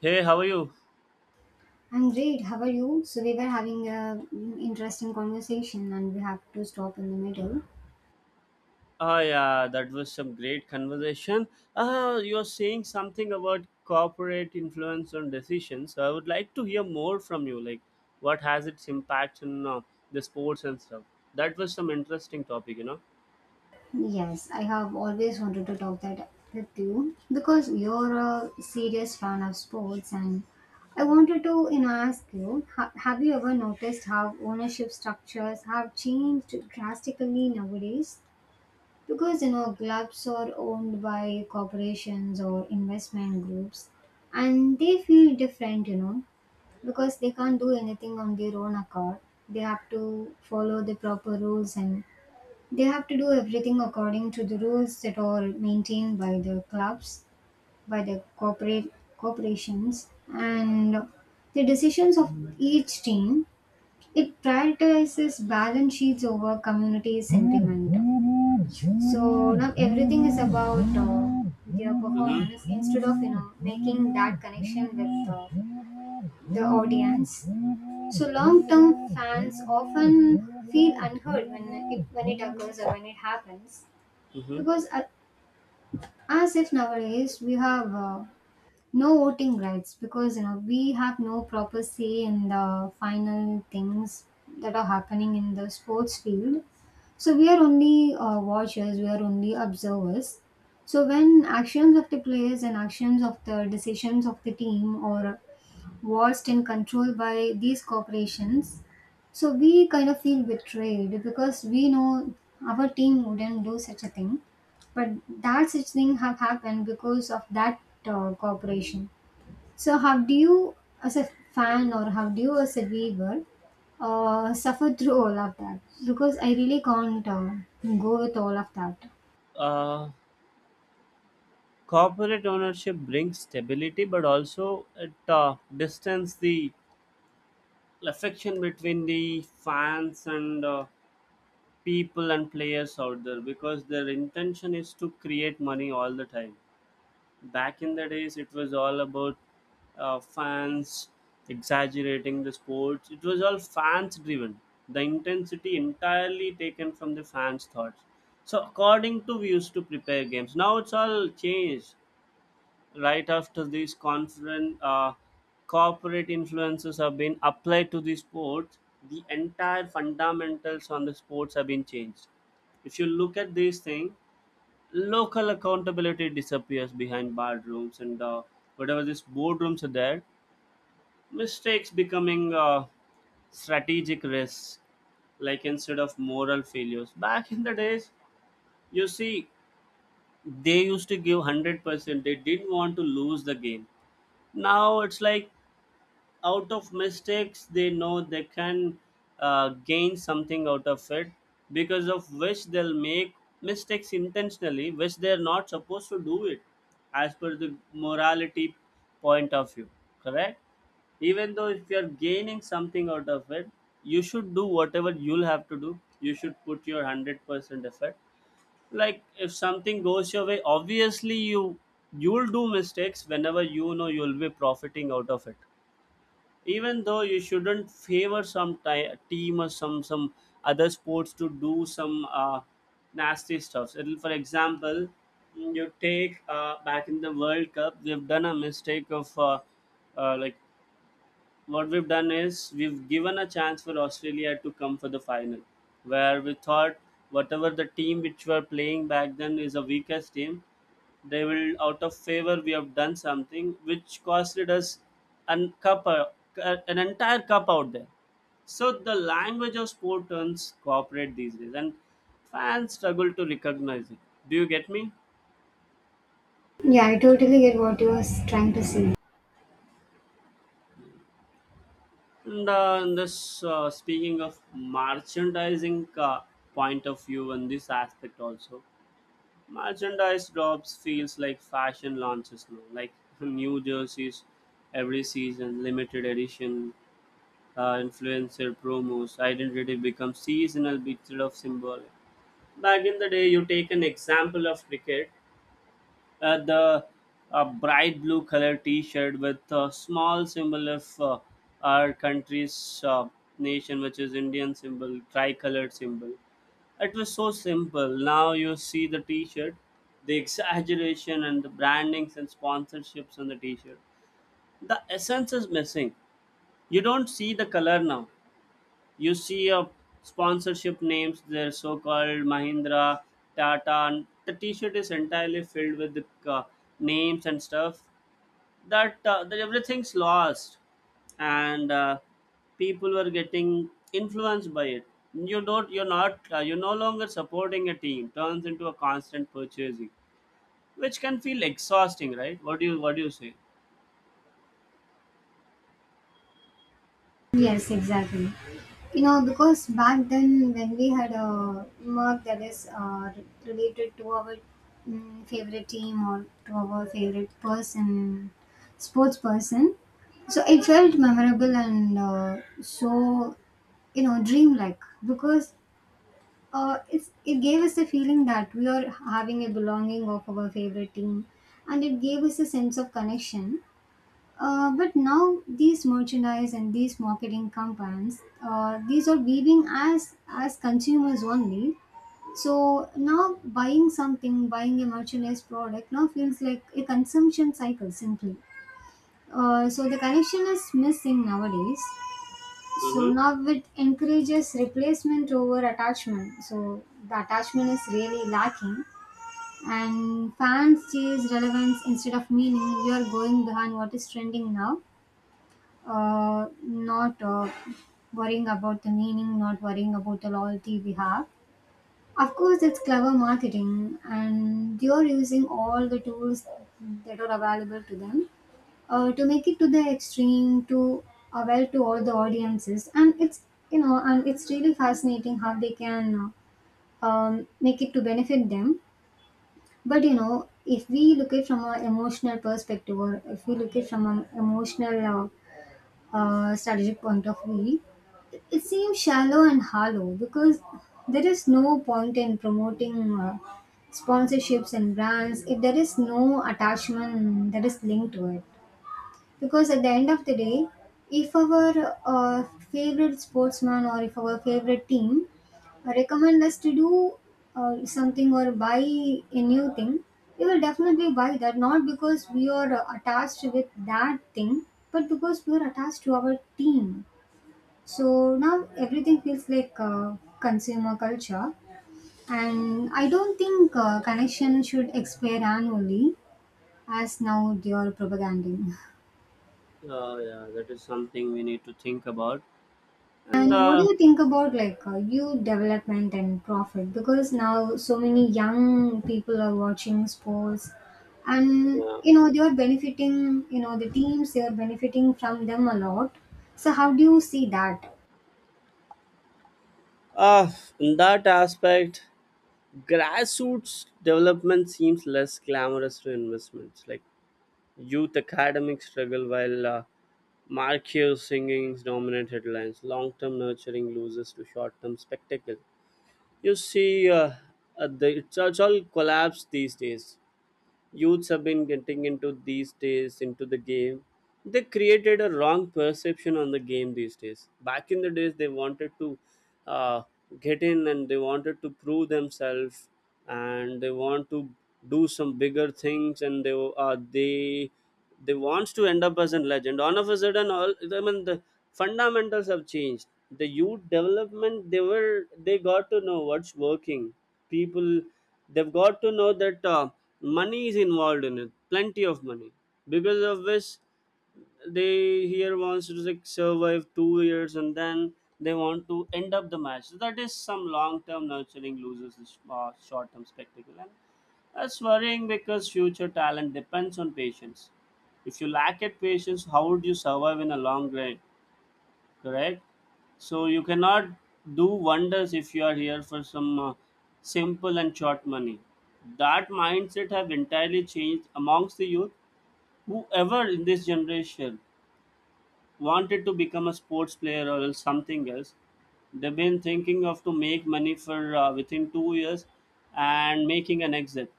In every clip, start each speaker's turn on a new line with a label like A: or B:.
A: Hey, how are you?
B: I'm great. How are you? So we were having a mm, interesting conversation, and we have to stop in the middle.
A: Ah, yeah, that was some great conversation. Ah, you're saying something about corporate influence on decisions. So I would like to hear more from you. Like, what has its impact on the sports and stuff? That was some interesting topic.
B: Yes, I have always wanted to talk that with you because you're a serious fan of sports, and I wanted to ask you: Have you ever noticed how ownership structures have changed drastically nowadays? Because clubs are owned by corporations or investment groups, and they feel different, you know because they can't do anything on their own accord. They have to follow the proper rules, and they have to do everything according to the rules that are maintained by the clubs, by the corporate corporations, and the decisions of each team. It prioritizes balance sheets over community sentiment. So now everything is about their
A: Mm-hmm.
B: performance instead of making that connection with the audience, so long-term fans often feel unheard when it occurs or when it happens,
A: Mm-hmm.
B: because as if nowadays we have no voting rights because we have no proper say in the final things that are happening in the sports field. So we are only watchers, we are only observers. So when actions of the players and actions of the decisions of the team or watched and controlled by these corporations. So we kind of feel betrayed because we know our team wouldn't do such a thing, but that such thing have happened because of that corporation. So how do you, as a fan, or how do you, as a viewer, suffer through all of that? Because I really can't go with all of that.
A: Uh, Corporate ownership brings stability, but also it distance the affection between the fans and people and players out there because their intention is to create money all the time. Back in the days, it was all about fans exaggerating the sports. It was all fans driven. The intensity entirely taken from the fans' thoughts. So according to we used to prepare games. Now it's all changed right after these conference corporate influences have been applied to the sports, the entire fundamentals on the sports have been changed if you look at these things. Local accountability disappears behind boardrooms and whatever these boardrooms are there, mistakes becoming strategic risks, like instead of moral failures. Back in the days, you see, they used to give 100%, they didn't want to lose the game. Now it's like, out of mistakes they know they can gain something out of it, because of which they'll make mistakes intentionally, which they're not supposed to do it as per the morality point of view. Correct. Even though if you're gaining something out of it, you should do whatever you'll have to do, you should put your 100% effort. Like if something goes your way, obviously you you'll do mistakes whenever you know you'll be profiting out of it. Even though you shouldn't favor some team or some other sports to do some nasty stuffs. It'll, for example, you take back in the World Cup, they've done a mistake of like, what we've done is we've given a chance for Australia to come for the final, where we thought whatever the team which were playing back then is a weakest team, they will out of favor. We have done something which costed us an an entire cup out there. So the language of sport turns corporate these days, and fans struggle to recognize it. Do you get me?
B: Yeah, I totally get what you are trying to say.
A: And in this, speaking of merchandising point of view in this aspect also, merchandise drops feels like fashion launches now, like new jerseys every season, limited edition, influencer promos, identity becomes seasonal bit of symbolic. Back in the day, you take an example of cricket, the bright blue color t-shirt with a small symbol of our country's nation, which is indian symbol, tricolored symbol. It was so simple. Now you see the t-shirt, the exaggeration and the brandings and sponsorships on the t-shirt, the essence is missing. You don't see the color now, you see a sponsorship names, their so-called Mahindra, Tata, and the T-shirt is entirely filled with the uh, names and stuff. That everything's lost, and people were getting influenced by it. You're not, you're no longer supporting a team. Turns into a constant purchasing, which can feel exhausting, right? What do you say?
B: Yes, exactly. You know, because back then when we had a mark that is related to our favorite team or to our favorite person, sports person, so it felt memorable and so you know dreamlike because it gave us the feeling that we are having a belonging of our favorite team, and it gave us a sense of connection, but now these merchandise and these marketing campaigns, these are weaving as consumers only. So now buying something, buying a merchandise product now feels like a consumption cycle simply. So the connection is missing nowadays. So
A: Mm-hmm.
B: now it encourages replacement over attachment. So the attachment is really lacking, and fans chase relevance instead of meaning. We are going behind what is trending now, not worrying about the meaning, not worrying about the loyalty we have. Of course, it's clever marketing, and you're using all the tools that are available to them to make it to the extreme, to avail to all the audiences, and it's you know, and it's really fascinating how they can make it to benefit them. But you know, if we look at from an emotional perspective, or if we look at from an emotional strategic point of view, it seems shallow and hollow because there is no point in promoting sponsorships and brands if there is no attachment that is linked to it. Because at the end of the day, if our favorite sportsman or if our favorite team recommend us to do something or buy a new thing, we will definitely buy that. Not because we are attached with that thing, but because we are attached to our team. So now everything feels like consumer culture, and I don't think connection should expire annually as now they are propaganding.
A: Yeah, that is something we need to think about. And
B: And what do you think about like youth development and profit? Because now so many young people are watching sports, and
A: yeah.
B: you know they are benefiting. You know the teams they are benefiting from them a lot. So how do you see that?
A: Uh, in that aspect, grassroots development seems less glamorous to investments. Like youth academic struggle while marquee singings dominate headlines. Long-term nurturing loses to short-term spectacle. You see, it's all collapsed these days. Youths have been getting into these days into the game, they created a wrong perception on the game these days. Back in the days they wanted to uh, get in and they wanted to prove themselves, and they want to do some bigger things, and they wants to end up as a legend all of a sudden. All i mean the fundamentals have changed. The youth development, they were, they got to know what's working. People, they've got to know that money is involved in it, plenty of money, because of which they here wants to like survive 2 years and then they want to end up the match. So that is some long term nurturing loses this short term spectacle, and that's worrying because future talent depends on patience. If you lack it patience, how would you survive in a long grind? Correct. So you cannot do wonders if you are here for some simple and short money. That mindset have entirely changed amongst the youth, whoever in this generation wanted to become a sports player or else something else. They've been thinking of to make money for within 2 years and making an exit.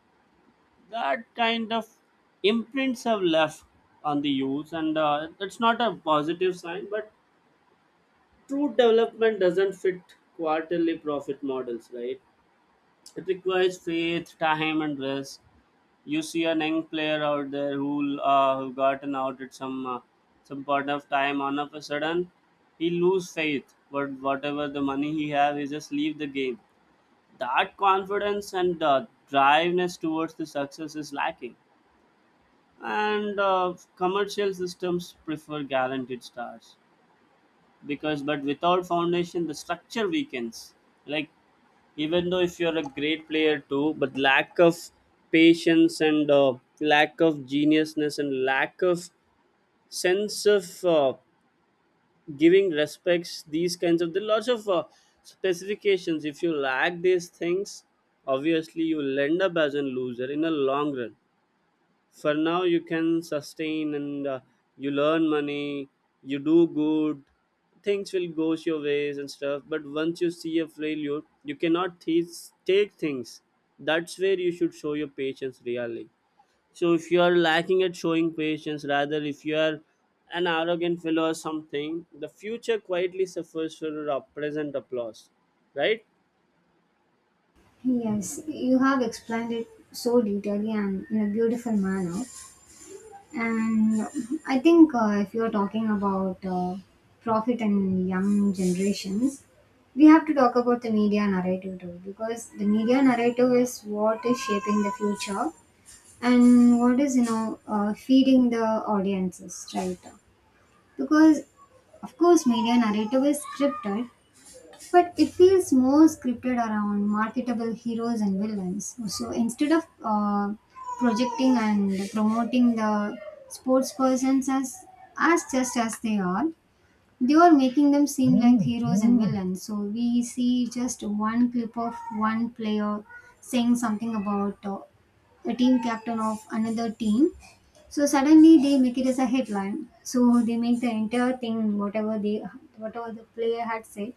A: That kind of imprints have left on the youth, and it's not a positive sign. But true development doesn't fit quarterly profit models, right? It requires faith, time, and rest. You see a young player out there who gotten out at some point of time. On of a sudden, he lose faith. But whatever the money he have, he just leave the game. That confidence and driveness towards the success is lacking. And commercial systems prefer guaranteed stars because but without foundation the structure weakens. Like even though if you're a great player too, but lack of patience and lack of geniusness and lack of sense of giving respects, these kinds of, there are lots of specifications. If you lack these things, obviously you'll end up as a loser in a long run. For now you can sustain and you learn money, you do good, things will go your ways and stuff. But once you see a failure you cannot take things. That's where you should show your patience really. So if you are lacking at showing patience, rather if you are an arrogant fellow or something, the future quietly suffers for our present applause. Right.
B: Yes, you have explained it so detailedly and in a beautiful manner. And I think if you're talking about profit and young generations, we have to talk about the media narrative too, because the media narrative is what is shaping the future and what is, you know, feeding the audiences, right? Because, of course, media narrative is scripted, but it feels more scripted around marketable heroes and villains. So instead of projecting and promoting the sportspersons as just as they are making them seem like heroes and villains. So we see just one clip of one player saying something about a team captain of another team. So suddenly they make it as a headline. So they make the entire thing, whatever the player had said,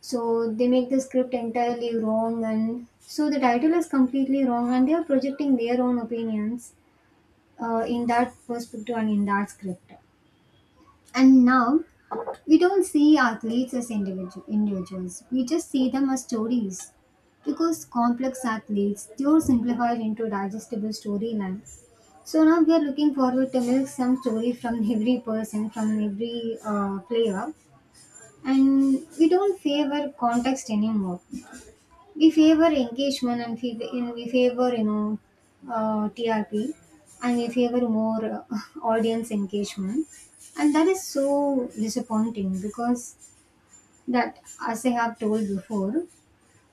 B: so they make the script entirely wrong, and so the title is completely wrong, and they are projecting their own opinions in that perspective and in that script. And now we don't see athletes as individuals; we just see them as stories. Because complex athletes, they are simplified into digestible storylines. So now we are looking forward to milk some story from every person, from every player, and we don't favor context anymore, we favor engagement, and we favor TRP, and we favor more audience engagement, and that is so disappointing because that, as I have told before,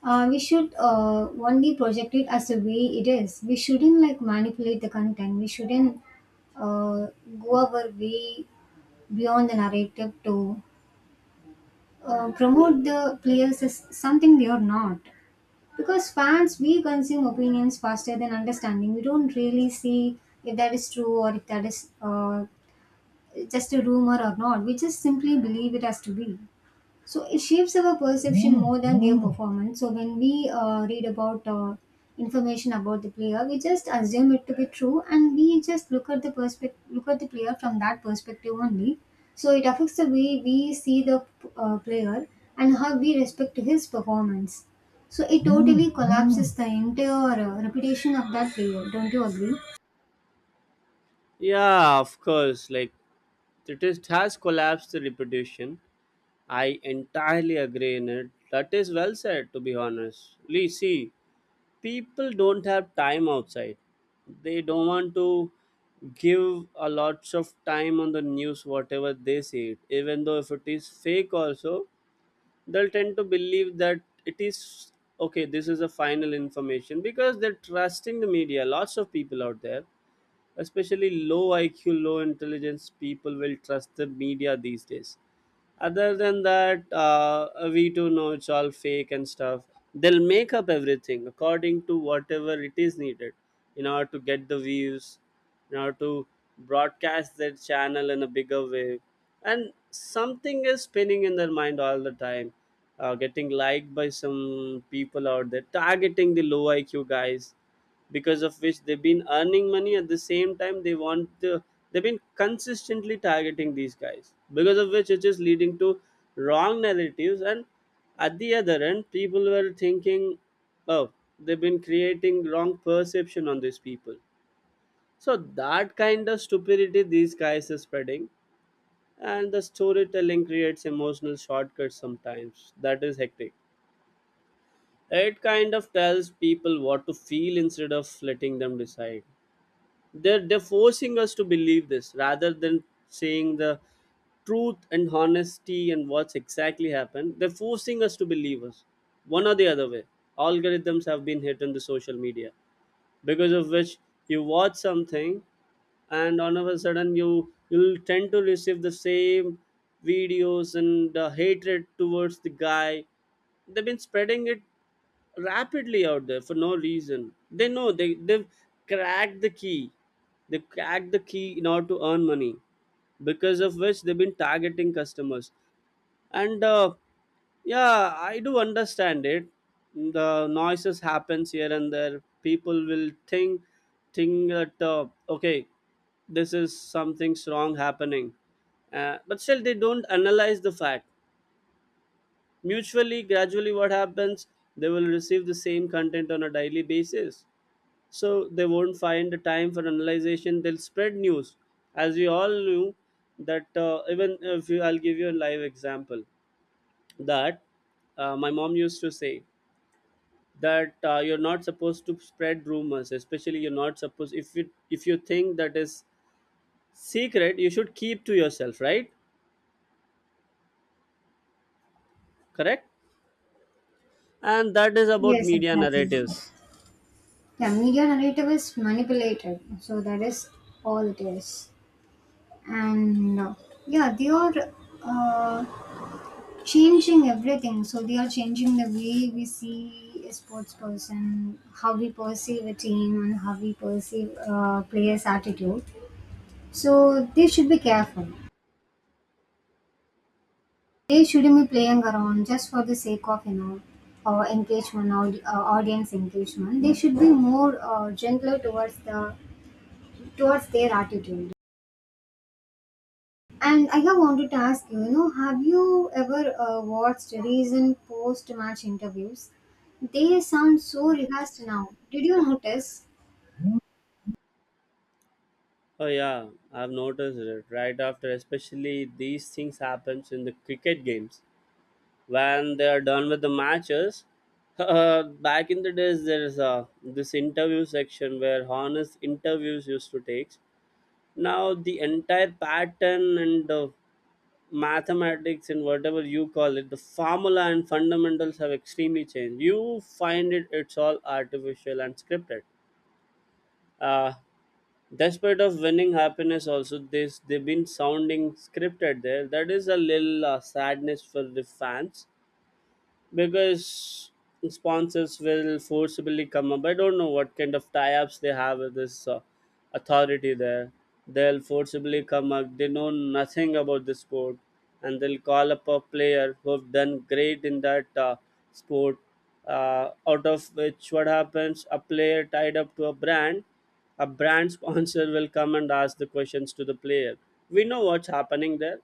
B: we should only project it as the way it is. We shouldn't like manipulate the content. We shouldn't uh, go our way beyond the narrative to
A: Yeah,
B: promote the players as something they are not, because fans, we consume opinions faster than understanding. We don't really see if that is true or if that is just a rumor or not. We just simply believe it has to be. So it shapes our perception more than their performance. So when we read about information about the player, we just assume it to be true, and we just look at the perspective, look at the player from that perspective only. So it affects the way we see the player and how we respect his performance. So it totally collapses the entire reputation of that player. Don't you agree?
A: yeah, of course, like it is, has collapsed the reputation. I entirely agree in it. That is well said, to be honest. Lee, see, people don't have time outside. They don't want to give a lot of time on the news, whatever they see it. Even though if it is fake also, they'll tend to believe that it is okay, this is a final information because they're trusting the media. Lots of people out there. Especially low IQ, low intelligence people will trust the media these days. Other than that, we do know it's all fake and stuff. They'll make up everything according to whatever it is needed in order to get the views, in order to broadcast their channel in a bigger way. And something is spinning in their mind all the time, getting liked by some people out there, targeting the low IQ guys, because of which they've been earning money. At the same time they want the they've been consistently targeting these guys, because of which it is leading to wrong narratives. And at the other end people were thinking, oh, they've been creating wrong perception on these people. So that kind of stupidity these guys are spreading. And the storytelling creates emotional shortcuts sometimes, that is hectic. It kind of tells people what to feel instead of letting them decide. They're forcing us to believe this rather than saying the truth and honesty and what's exactly happened. They're forcing us to believe us one or the other way. Algorithms have been hit on the social media, because of which you watch something, and all of a sudden you'll tend to receive the same videos and the hatred towards the guy. They've been spreading it rapidly out there for no reason. They know they've cracked the key. They cracked the key in order to earn money, because of which they've been targeting customers. And yeah, I do understand it. The noises happens here and there, people will think that okay, this is something wrong happening. But still they don't analyze the fact. Mutually gradually what happens, they will receive the same content on a daily basis, so they won't find the time for analyzation, they'll spread news. As we all knew that even if you, I'll give you a live example. That my mom used to say that you're not supposed to spread rumors, especially you're not supposed, if you think that is secret you should keep to yourself, right? Correct. And that is about
B: Yes,
A: media
B: exactly.
A: narratives.
B: Yeah, media narrative is manipulated. So that is all it is. And Yeah, they are uh, changing everything, so they are changing the way we see a sports person, how we perceive a team, and how we perceive players attitude, so they should be careful. They shouldn't be playing around just for the sake of engagement or audience engagement. They should be more gentler towards the towards their attitude. And I have wanted to ask you, you know, have you ever watched recent post-match interviews? They sound so rehearsed now. Did you notice?
A: Oh yeah, I've noticed it right after, especially these things happens in the cricket games when they are done with the matches. Back in the days, there is a this interview section where honest interviews used to take. Now the entire pattern and mathematics and whatever you call it, the formula and fundamentals have extremely changed. You find it's all artificial and scripted. Uh, Despite of winning happiness also this they've been sounding scripted there, that is a little sadness for the fans because sponsors will forcibly come up. I don't know what kind of tie-ups they have with this authority there. They'll forcibly come up. They know nothing about the sport, and they'll call up a player who've done great in that sport. Out of which, what happens? A player tied up to a brand sponsor will come and ask the questions to the player. We know what's happening there,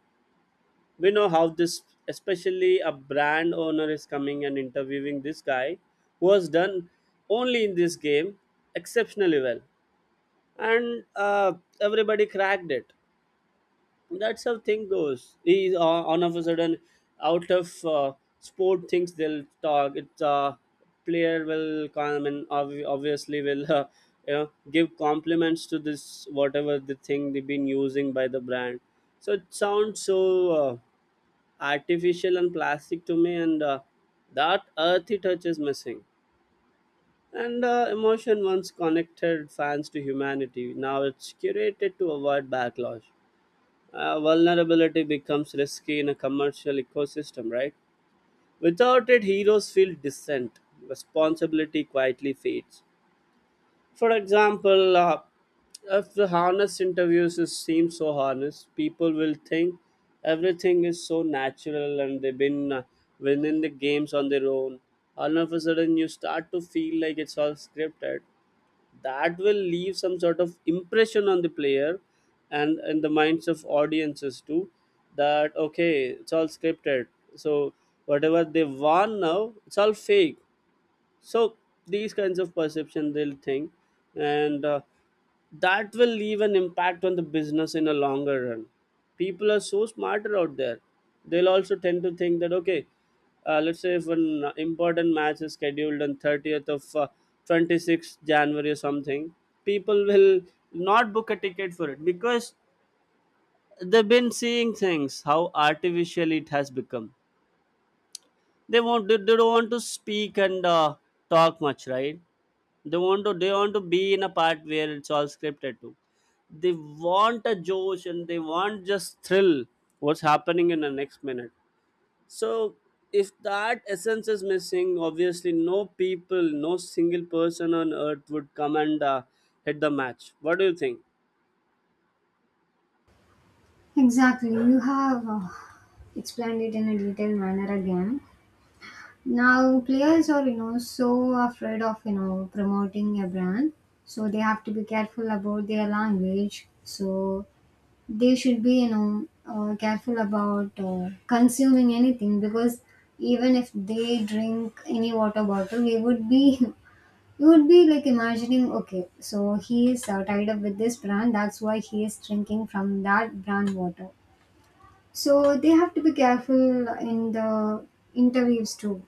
A: we know how this, especially a brand owner is coming and interviewing this guy who has done only in this game exceptionally well, and everybody cracked it, that's how thing goes. He on of a sudden, out of sport things they'll talk, it's player will come and obviously will give compliments to this whatever the thing they've been using by the brand. So it sounds so uh, artificial and plastic to me, and that earthy touch is missing, and emotion once connected fans to humanity, now it's curated to avoid backlash. Vulnerability becomes risky in a commercial ecosystem, right? Without it heroes feel distant, responsibility quietly fades. For example, if the harness interviews is, seem so honest, people will think everything is so natural and they've been winning the games on their own. All of a sudden, you start to feel like it's all scripted. That will leave some sort of impression on the player and in the minds of audiences too. That okay, it's all scripted. So whatever they want now, it's all fake. So these kinds of perception they'll think, and that will leave an impact on the business in a longer run. People are so smarter out there, they'll also tend to think that okay, let's say if an important match is scheduled on 30th of 26th january or something, people will not book a ticket for it because they've been seeing things how artificial it has become. They won't They don't want to speak and talk much, right? They want to be in a part where it's all scripted too. They want a Josh and they want just thrill, what's happening in the next minute. So if that essence is missing, obviously no people, no single person on earth would come and hit the match. What do you think?
B: Exactly. You have explained it in a detailed manner again. Now players are you know so afraid of you know promoting a brand, so they have to be careful about their language. So they should be careful about consuming anything, because even if they drink any water bottle we would be you would be like imagining okay so he is tied up with this brand that's why he is drinking from that brand water, so they have to be careful in the interviews too,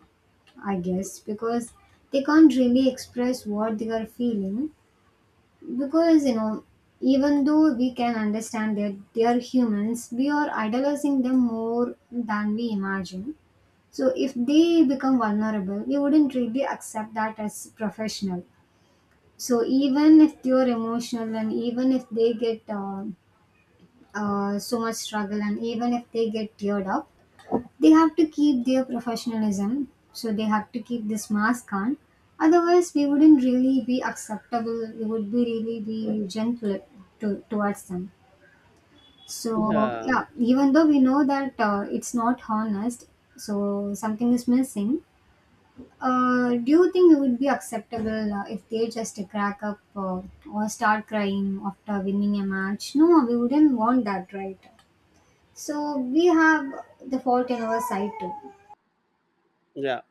B: I guess, because they can't really express what they are feeling. Because, you know, even though we can understand that they are humans, we are idolizing them more than we imagine. So, if they become vulnerable, we wouldn't really accept that as professional. So, even if they are emotional and even if they get so much struggle, and even if they get teared up, they have to keep their professionalism, so they have to keep this mask on. Otherwise, we wouldn't really be acceptable. We would be really be gentle towards them. So
A: Yeah,
B: yeah, even though we know that it's not honest, so something is missing. Do you think it would be acceptable if they just crack up or start crying after winning a match? No, we wouldn't want that, right? So we have the fault in our side too.
A: yeah.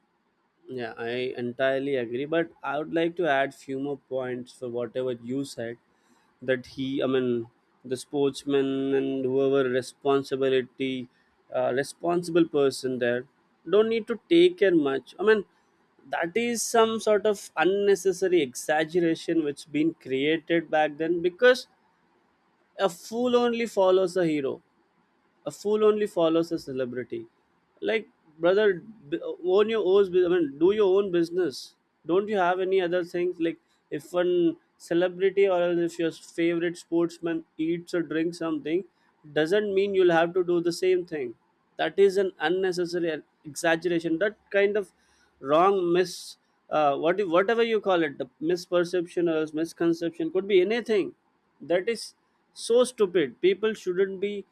A: Yeah, I entirely agree, but I would like to add few more points for whatever you said. I mean, the sportsman and whoever responsibility, responsible person there, don't need to take care much. I mean, that is some sort of unnecessary exaggeration which been created back then because a fool only follows a hero, a fool only follows a celebrity, like, brother, own your own I mean do your own business. Don't you have any other things, like if one celebrity or else if your favorite sportsman eats or drinks something, doesn't mean you'll have to do the same thing. That is an unnecessary exaggeration, that kind of wrong, mis what, whatever you call it, the misperception or misconception, could be anything. That is so stupid, people shouldn't be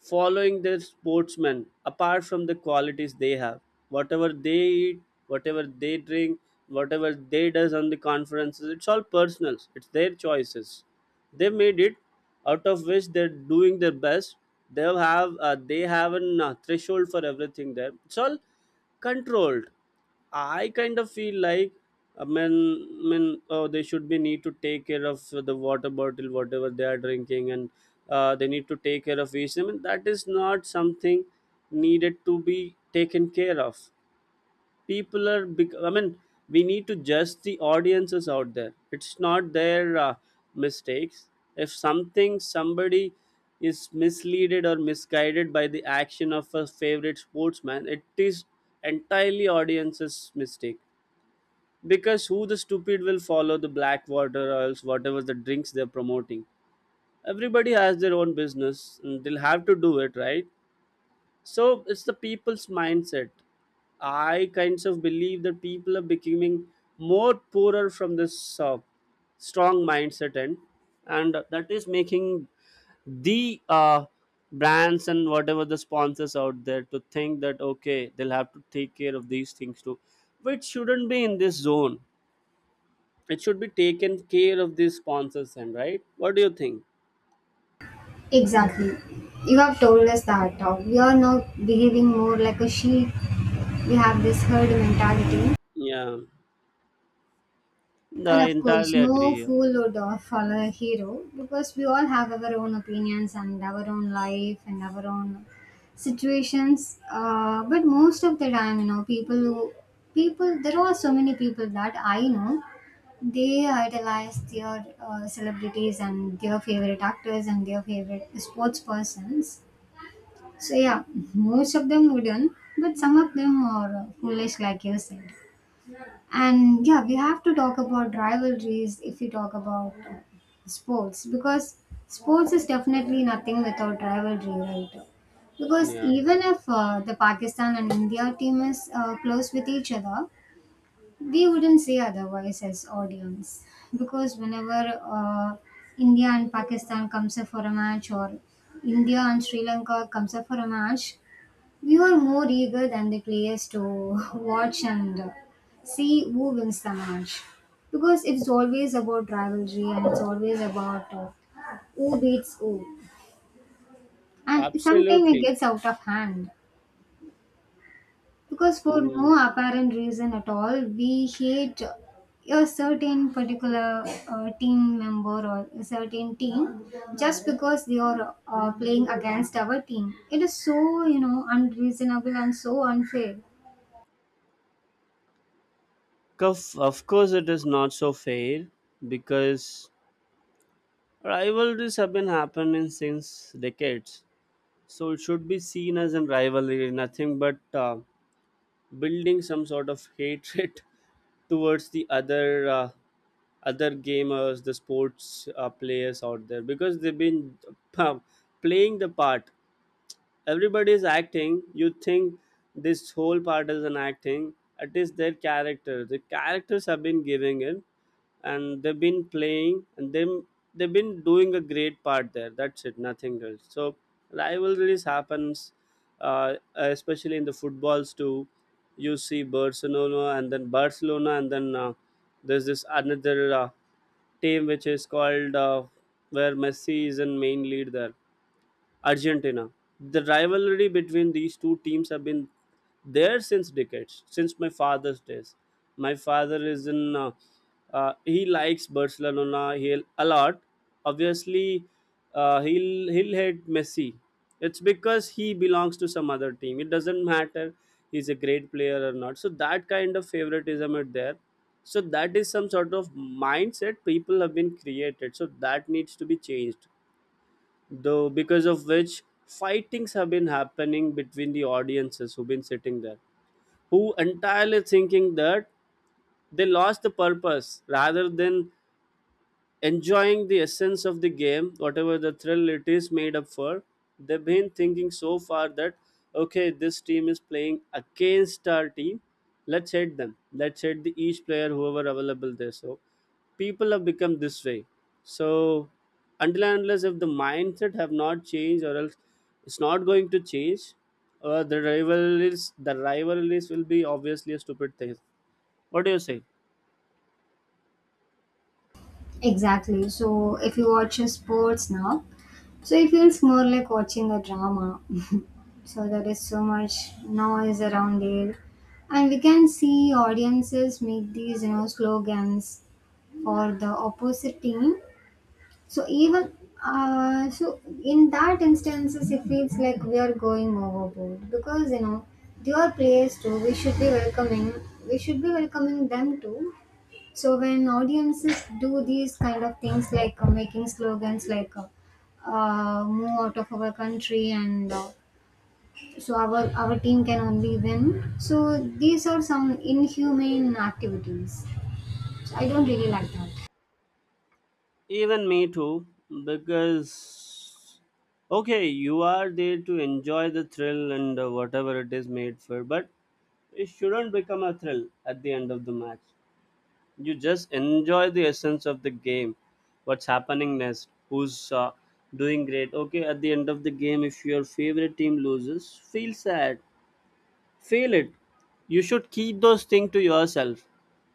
A: following their sportsmen apart from the qualities they have. Whatever they eat, whatever they drink, whatever they does on the conferences, it's all personal, it's their choices they made it, out of which they're doing their best. They have a threshold for everything there, it's all controlled. I kind of feel like, I mean, I mean, oh, they should be need to take care of the water bottle, whatever they are drinking, and they need to take care of each. I mean, that is not something needed to be taken care of. I mean, we need to judge the audiences out there. It's not their mistakes. If something somebody is misleaded or misguided by the action of a favorite sportsman, it is entirely audience's mistake, because who the stupid will follow the black water or else whatever the drinks they're promoting. Everybody has their own business and they'll have to do it, right? So it's the people's mindset. I kinds of believe that people are becoming more poorer from this strong mindset end, and that is making the brands and whatever the sponsors out there to think that okay, they'll have to take care of these things too, which shouldn't be in this zone. It should be taken care of these sponsors and, right? What do you think?
B: Exactly. You have told us that we are now behaving more like a sheep. We have this herd mentality.
A: Yeah. No,
B: And
A: I
B: of course,
A: entirely
B: no
A: agree.
B: fool would follow a hero because we all have our own opinions and our own life and our own situations. But most of the time, you know, people, there are so many people that I know they idolize their celebrities and their favorite actors and their favorite sports persons. So yeah, most of them wouldn't, but some of them are foolish, like you said. And yeah, we have to talk about rivalries if we talk about sports, because sports is definitely nothing without rivalry, right? Because
A: Yeah.
B: even if the Pakistan and India team is close with each other, we wouldn't say otherwise as audience. Because whenever India and Pakistan comes up for a match, or India and Sri Lanka comes up for a match, we were more eager than the players to watch and see who wins the match. Because it's always about rivalry, and it's always about who beats who. And sometimes it
A: Absolutely.
B: gets out of hand. Because for
A: Mm.
B: no apparent reason at all, we hate a certain particular team member or a certain team just because they are playing against our team. It is so, you know, unreasonable and so unfair.
A: Of course, it is not so fair because rivalries have been happening since decades. So it should be seen as a rivalry, nothing but building some sort of hatred towards the other gamers, the sports players out there, because they've been uh, playing the part. Everybody is acting. You think this whole part is an acting. It is their character. The characters have been giving it and they've been playing and them they've been doing a great part there. That's it, nothing else. So rivalries happens, especially in the footballs too. You see Barcelona, and then Barcelona and then there's this another team which is called, where Messi is in main lead there. Argentina. The rivalry between these two teams have been there since decades, since my father's days. My father is in, he likes Barcelona a lot. Obviously, he'll hate Messi. It's because he belongs to some other team. It doesn't matter he's a great player or not. So that kind of favoritism is there. So that is some sort of mindset people have been created. So that needs to be changed, though, because of which fightings have been happening between the audiences who've been sitting there, who entirely thinking that they lost the purpose rather than enjoying the essence of the game, whatever the thrill it is made up for. They've been thinking so far that okay, this team is playing against our team. Let's hit them. Let's hit the each player whoever available there. So people have become this way. So until and unless if the mindset have not changed or else it's not going to change, the rivalries will be obviously a stupid thing. What do you say?
B: Exactly. So if you watch a sports now, so it feels more like watching a drama. So there is so much noise around there, and we can see audiences make these you know slogans for the opposite team. So even so in that instances, it feels like we are going overboard because you know they are players too. We should be welcoming. We should be welcoming them too. So when audiences do these kind of things like making slogans like move out of our country, and so our team can only win. So these are some inhumane activities. So I don't really like that.
A: Even me too, because okay, you are there to enjoy the thrill and whatever it is made for, but it shouldn't become a thrill at the end of the match. You just enjoy the essence of the game, what's happening next, who's doing great. Okay, at the end of the game, if your favorite team loses, feel sad, feel it. You should keep those things to yourself.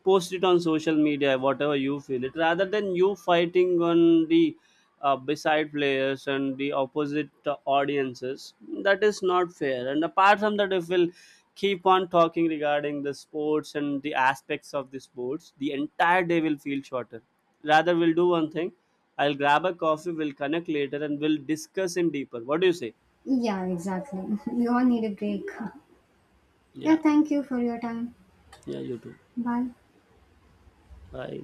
A: Post it on social media, whatever you feel it, rather than you fighting on the beside players and the opposite audiences. That is not fair. And apart from that, if we'll keep on talking regarding the sports and the aspects of the sports, the entire day will feel shorter. Rather, we'll do one thing. I'll grab a coffee, we'll connect later and we'll discuss in deeper. What do you say?
B: Yeah, exactly. We all need a break. Yeah,
A: Yeah.
B: thank you for your time.
A: Yeah, you too.
B: Bye.
A: Bye.